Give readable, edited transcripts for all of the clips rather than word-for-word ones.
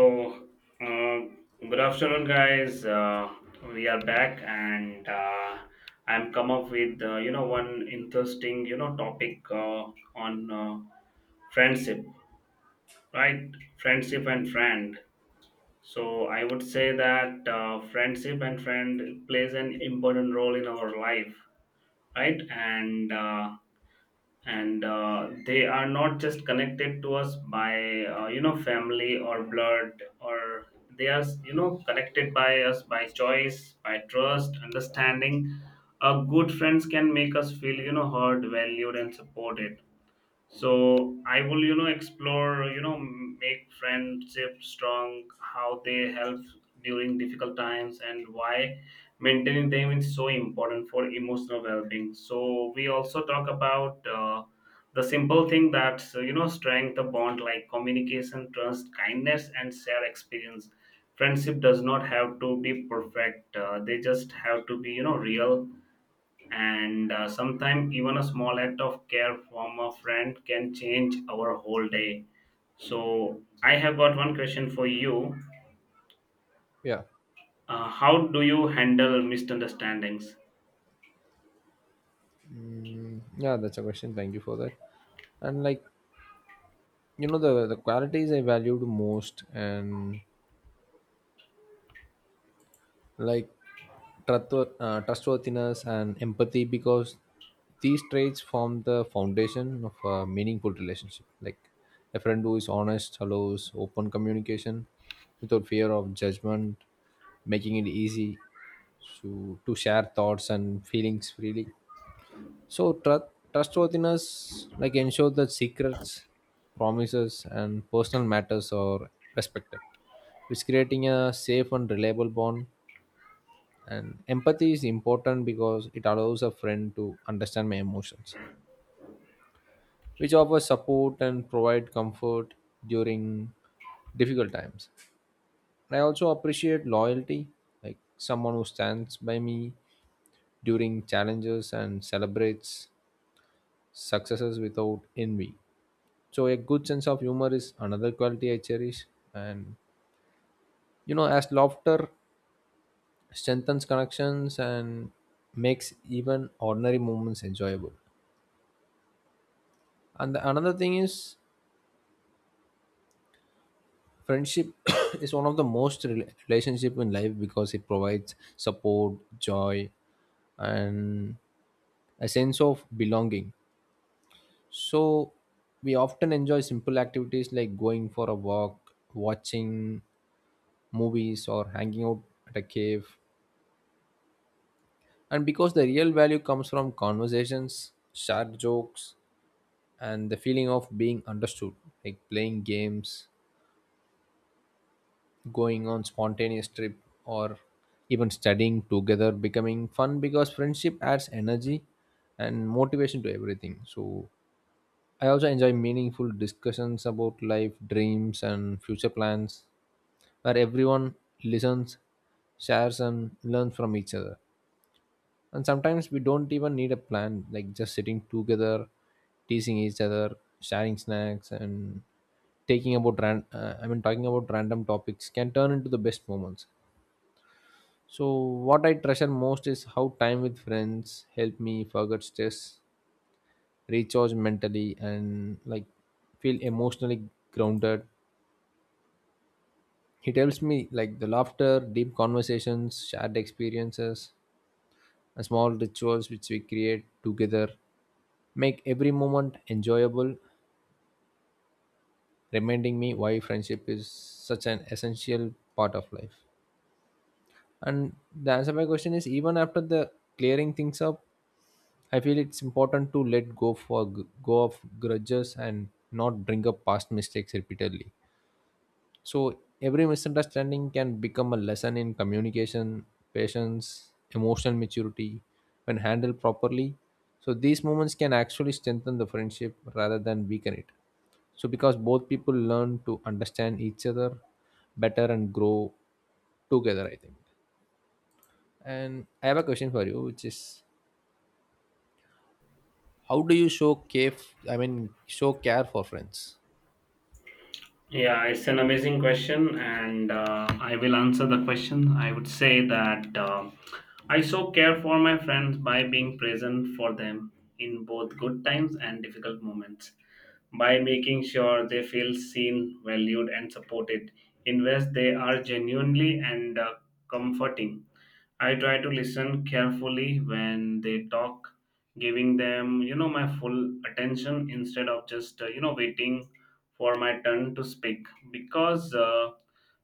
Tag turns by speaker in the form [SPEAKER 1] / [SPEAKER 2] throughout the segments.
[SPEAKER 1] So, um, good afternoon, guys. We are back, and I'm come up with one interesting topic on friendship, right? Friendship and friend. So I would say that friendship and friend plays an important role in our life, right? And they are not just connected to us by family or blood, or they are connected by us by choice, by trust, understanding. Good friends can make us feel heard, valued, and supported. So I will explore make friendship strong, how they help during difficult times, and why maintaining them is so important for emotional well-being. So we also talk about the simple thing that strength the bond, like communication, trust, kindness, and shared experience. Friendship does not have to be perfect. They just have to be real. And Sometimes even a small act of care from a friend can change our whole day. So I have got one question for you.
[SPEAKER 2] Yeah.
[SPEAKER 1] How do you handle misunderstandings?
[SPEAKER 2] Mm, yeah, that's a question. Thank you for that. And like, you know, the qualities I valued most and like trustworthiness and empathy because these traits form the foundation of a meaningful relationship. Like a friend who is honest allows open communication without fear of judgment, making it easy to share thoughts and feelings freely. So trustworthiness like ensures that secrets, promises, and personal matters are respected, which creating a safe and reliable bond. And empathy is important because it allows a friend to understand my emotions, which offers support and provide comfort during difficult times. And I also appreciate loyalty, like someone who stands by me during challenges and celebrates successes without envy. So a good sense of humor is another quality I cherish. And you know, as laughter strengthens connections and makes even ordinary moments enjoyable. Another thing is friendship is one of the most relationship in life because it provides support, joy, and a sense of belonging. So we often enjoy simple activities like going for a walk, watching movies, or hanging out at a cave. And because the real value comes from conversations, shared jokes, and the feeling of being understood, like playing games, going on spontaneous trip, or even studying together, becoming fun because friendship adds energy and motivation to everything. So I also enjoy meaningful discussions about life, dreams, and future plans, where everyone listens, shares, and learns from each other. And sometimes we don't even need a plan, like just sitting together, teasing each other, sharing snacks, and taking about ran- I mean talking about random topics can turn into the best moments. So what I treasure most is how time with friends help me forget stress, recharge mentally, and like feel emotionally grounded. It helps me, like the laughter, deep conversations, shared experiences. A small rituals which we create together make every moment enjoyable, reminding me why friendship is such an essential part of life. And the answer to my question is, even after the clearing things up, I feel it's important to let go of grudges and not bring up past mistakes repeatedly. So every misunderstanding can become a lesson in communication, patience, emotional maturity when handled properly. So these moments can actually strengthen the friendship rather than weaken it. So because both people learn to understand each other better and grow together, I think. And I have a question for you, which is, how do you show care, show care for friends?
[SPEAKER 1] Yeah, it's an amazing question, and I will answer the question. I would say that I so care for my friends by being present for them in both good times and difficult moments, by making sure they feel seen, valued, and supported in ways they are genuinely and comforting. I try to listen carefully when they talk, giving them, you know, my full attention instead of just, you know, waiting for my turn to speak. Because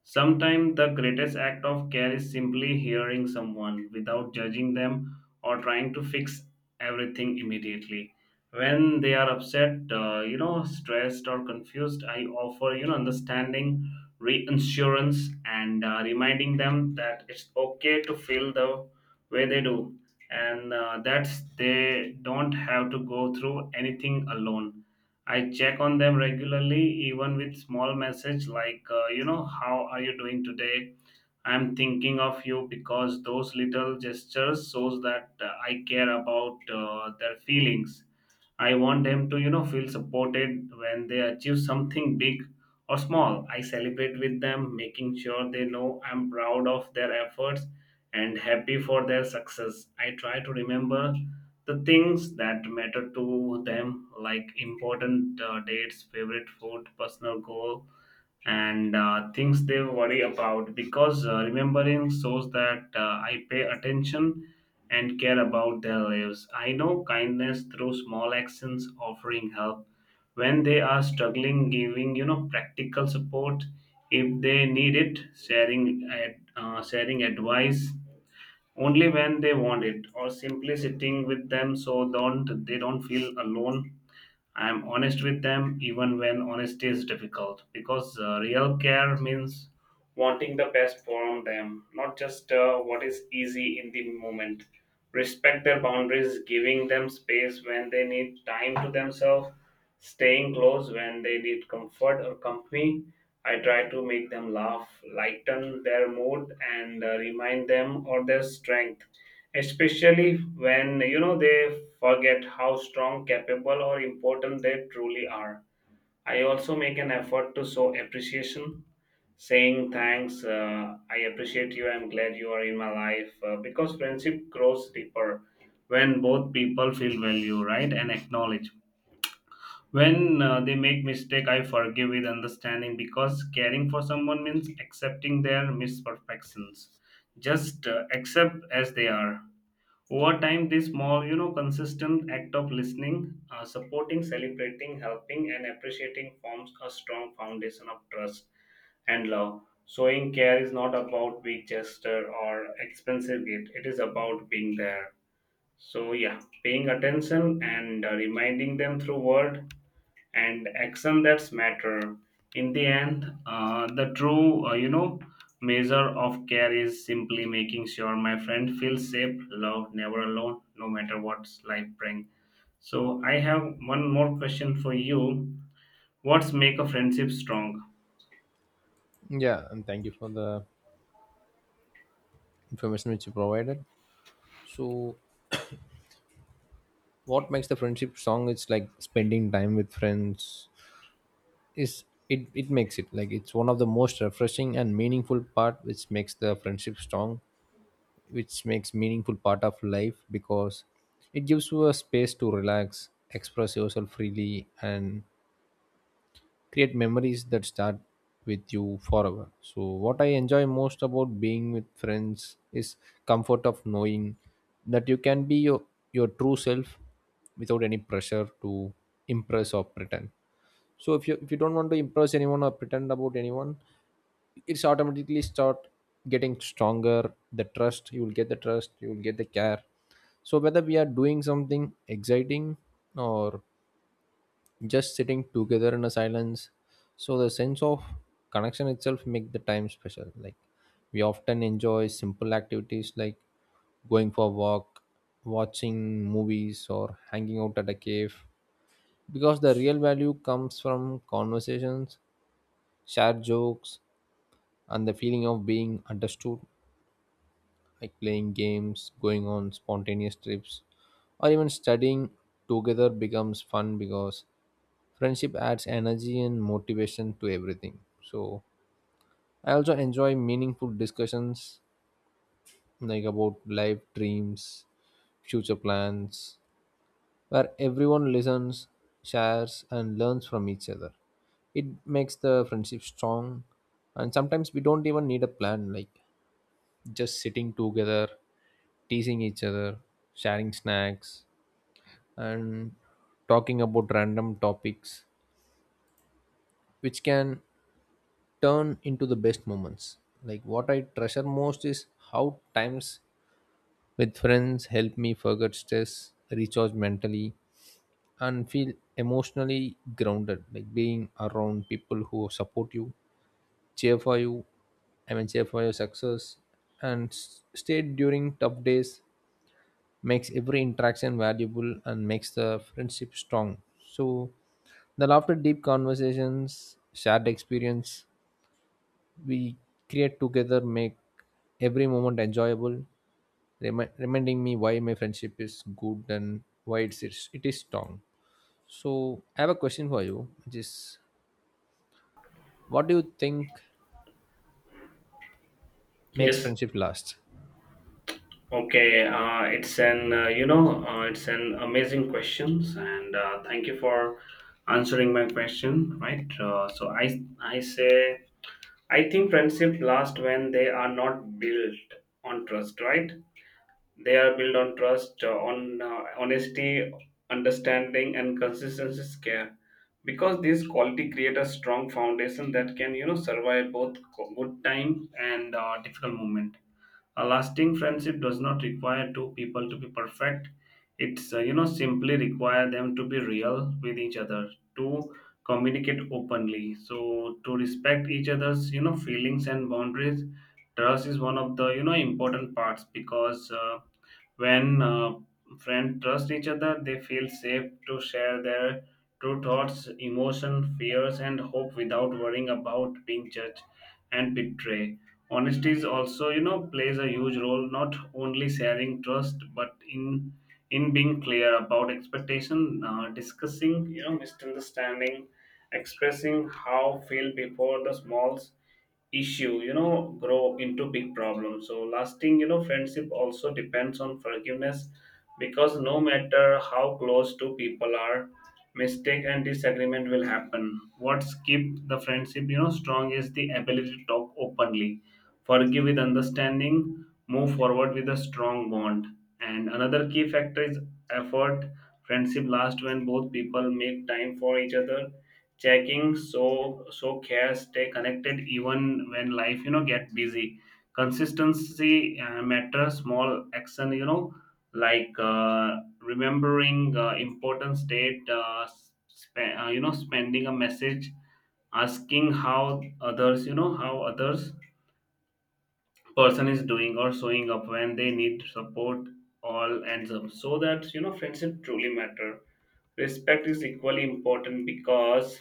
[SPEAKER 1] sometimes the greatest act of care is simply hearing someone without judging them or trying to fix everything immediately. When they are upset, stressed, or confused, I offer understanding, reassurance, and reminding them that it's okay to feel the way they do, and that's they don't have to go through anything alone. I check on them regularly, even with small message like, you know, how are you doing today? I'm thinking of you. Because those little gestures shows that I care about their feelings. I want them to, you know, feel supported. When they achieve something big or small, I celebrate with them, making sure they know I'm proud of their efforts and happy for their success. I try to remember the things that matter to them, like important dates, favorite food, personal goal, and things they worry about. Because remembering shows that I pay attention and care about their lives. I know kindness through small actions, offering help when they are struggling, giving you know practical support if they need it, sharing advice only when they want it, or simply sitting with them so don't they don't feel alone. I'm honest with them even when honesty is difficult, because real care means wanting the best for them, not just what is easy in the moment. Respect their boundaries, giving them space when they need time to themselves, staying close when they need comfort or company. I try to make them laugh, lighten their mood, and remind them of their strength, especially when you know they forget how strong, capable, or important they truly are. I also make an effort to show appreciation, saying thanks, I appreciate you, I'm glad you are in my life. Because friendship grows deeper when both people feel value, right, and acknowledge. When they make mistake, I forgive with understanding, because caring for someone means accepting their imperfections, just accept as they are. Over time, this small, you know, consistent act of listening, supporting, celebrating, helping, and appreciating forms a strong foundation of trust and love. Showing care is not about big gesture or expensive gift. It is about being there. So yeah, paying attention and reminding them through word and action that's matter. In the end, the true measure of care is simply making sure my friend feels safe, loved, never alone, no matter what life brings. So I have one more question for you. What's make a friendship strong?
[SPEAKER 2] Yeah, and thank you for the information which you provided. So what makes the friendship song is, like spending time with friends is, it makes it like it's one of the most refreshing and meaningful part which makes the friendship strong, which makes meaningful part of life because it gives you a space to relax, express yourself freely, and create memories that start with you forever. So, what I enjoy most about being with friends is comfort of knowing that you can be your true self without any pressure to impress or pretend. So, if you don't want to impress anyone or pretend about anyone, it's automatically start getting stronger. The trust you will get, the care. So whether we are doing something exciting or just sitting together in a silence, so the sense of connection itself make the time special. Like we often enjoy simple activities like going for a walk, watching movies, or hanging out at a cave, because the real value comes from conversations, shared jokes, and the feeling of being understood, like playing games, going on spontaneous trips, or even studying together becomes fun because friendship adds energy and motivation to everything. So, I also enjoy meaningful discussions like about life, dreams, future plans, where everyone listens, shares, and learns from each other. It makes the friendship strong, and sometimes we don't even need a plan, like just sitting together, teasing each other, sharing snacks, and talking about random topics, which can turn into the best moments. Like what I treasure most is how times with friends help me forget stress, recharge mentally, and feel emotionally grounded. Like being around people who support you, cheer for cheer for your success and stay during tough days makes every interaction valuable and makes the friendship strong. So, the laughter, deep conversations, shared experience we create together make every moment enjoyable, reminding me why my friendship is good and why it is strong. So, I have a question for you, which is, what do you think makes
[SPEAKER 1] Yes.
[SPEAKER 2] friendship last?
[SPEAKER 1] Okay, it's an amazing questions, and thank you for answering my question, right? So I say I think friendship last when they are not built on trust, right? They are built on trust, on honesty, understanding, and consistency care. Because these quality create a strong foundation that can, you know, survive both good time and difficult moment. A lasting friendship does not require two people to be perfect. It's simply require them to be real with each other, to communicate openly, so to respect each other's you know feelings and boundaries. Trust is one of the you know important parts, because when friends trust each other, they feel safe to share their true thoughts, emotions, fears, and hope without worrying about being judged and betray. Honesty is also, you know, plays a huge role, not only sharing trust, but in being clear about expectation, discussing, you know, misunderstanding, expressing how feel before the smalls issue you know grow into big problems. So lasting you know friendship also depends on forgiveness, because no matter how close two people are, mistake and disagreement will happen. What keep the friendship you know strong is the ability to talk openly, forgive with understanding, move forward with a strong bond. And another key factor is effort. Friendship lasts when both people make time for each other, checking so care, stay connected even when life you know get busy. Consistency matters. Small action, you know, like remembering important state, you know spending a message, asking how others you know how others person is doing, or showing up when they need support, all ends up so that you know friendship truly matter. Respect is equally important, because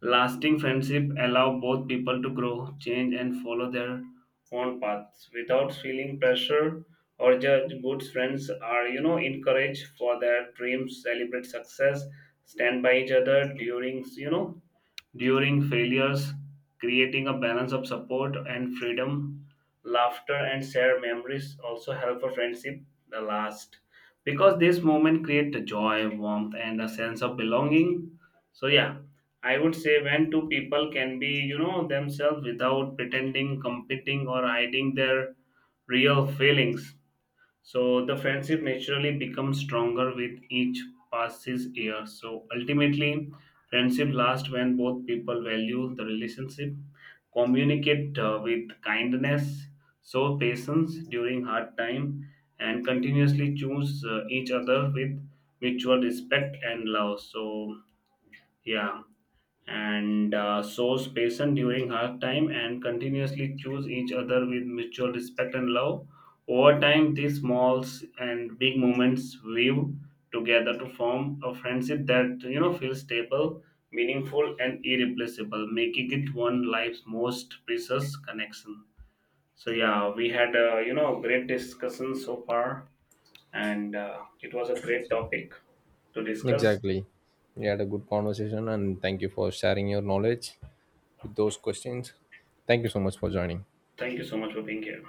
[SPEAKER 1] lasting friendship allow both people to grow, change, and follow their own paths without feeling pressure or judge. Good friends are, you know, encouraged for their dreams, celebrate success, stand by each other during, you know, during failures, creating a balance of support and freedom, laughter, and shared memories also help a friendship the last, because this moment create the joy, warmth, and a sense of belonging. So yeah, I would say when two people can be you know themselves without pretending, competing, or hiding their real feelings, so the friendship naturally becomes stronger with each passes year. So ultimately, friendship lasts when both people value the relationship, communicate with kindness, show patience during hard time, and continuously choose each other with mutual respect and love. So yeah, and shows patience during hard time and continuously choose each other with mutual respect and love. Over time, these small and big moments weave together to form a friendship that you know feels stable, meaningful, and irreplaceable, making it one life's most precious connection. So yeah, we had great discussion so far, and it was a great topic to discuss.
[SPEAKER 2] Exactly. We had a good conversation, and thank you for sharing your knowledge with those questions. Thank you so much for joining.
[SPEAKER 1] Thank you so much for being here.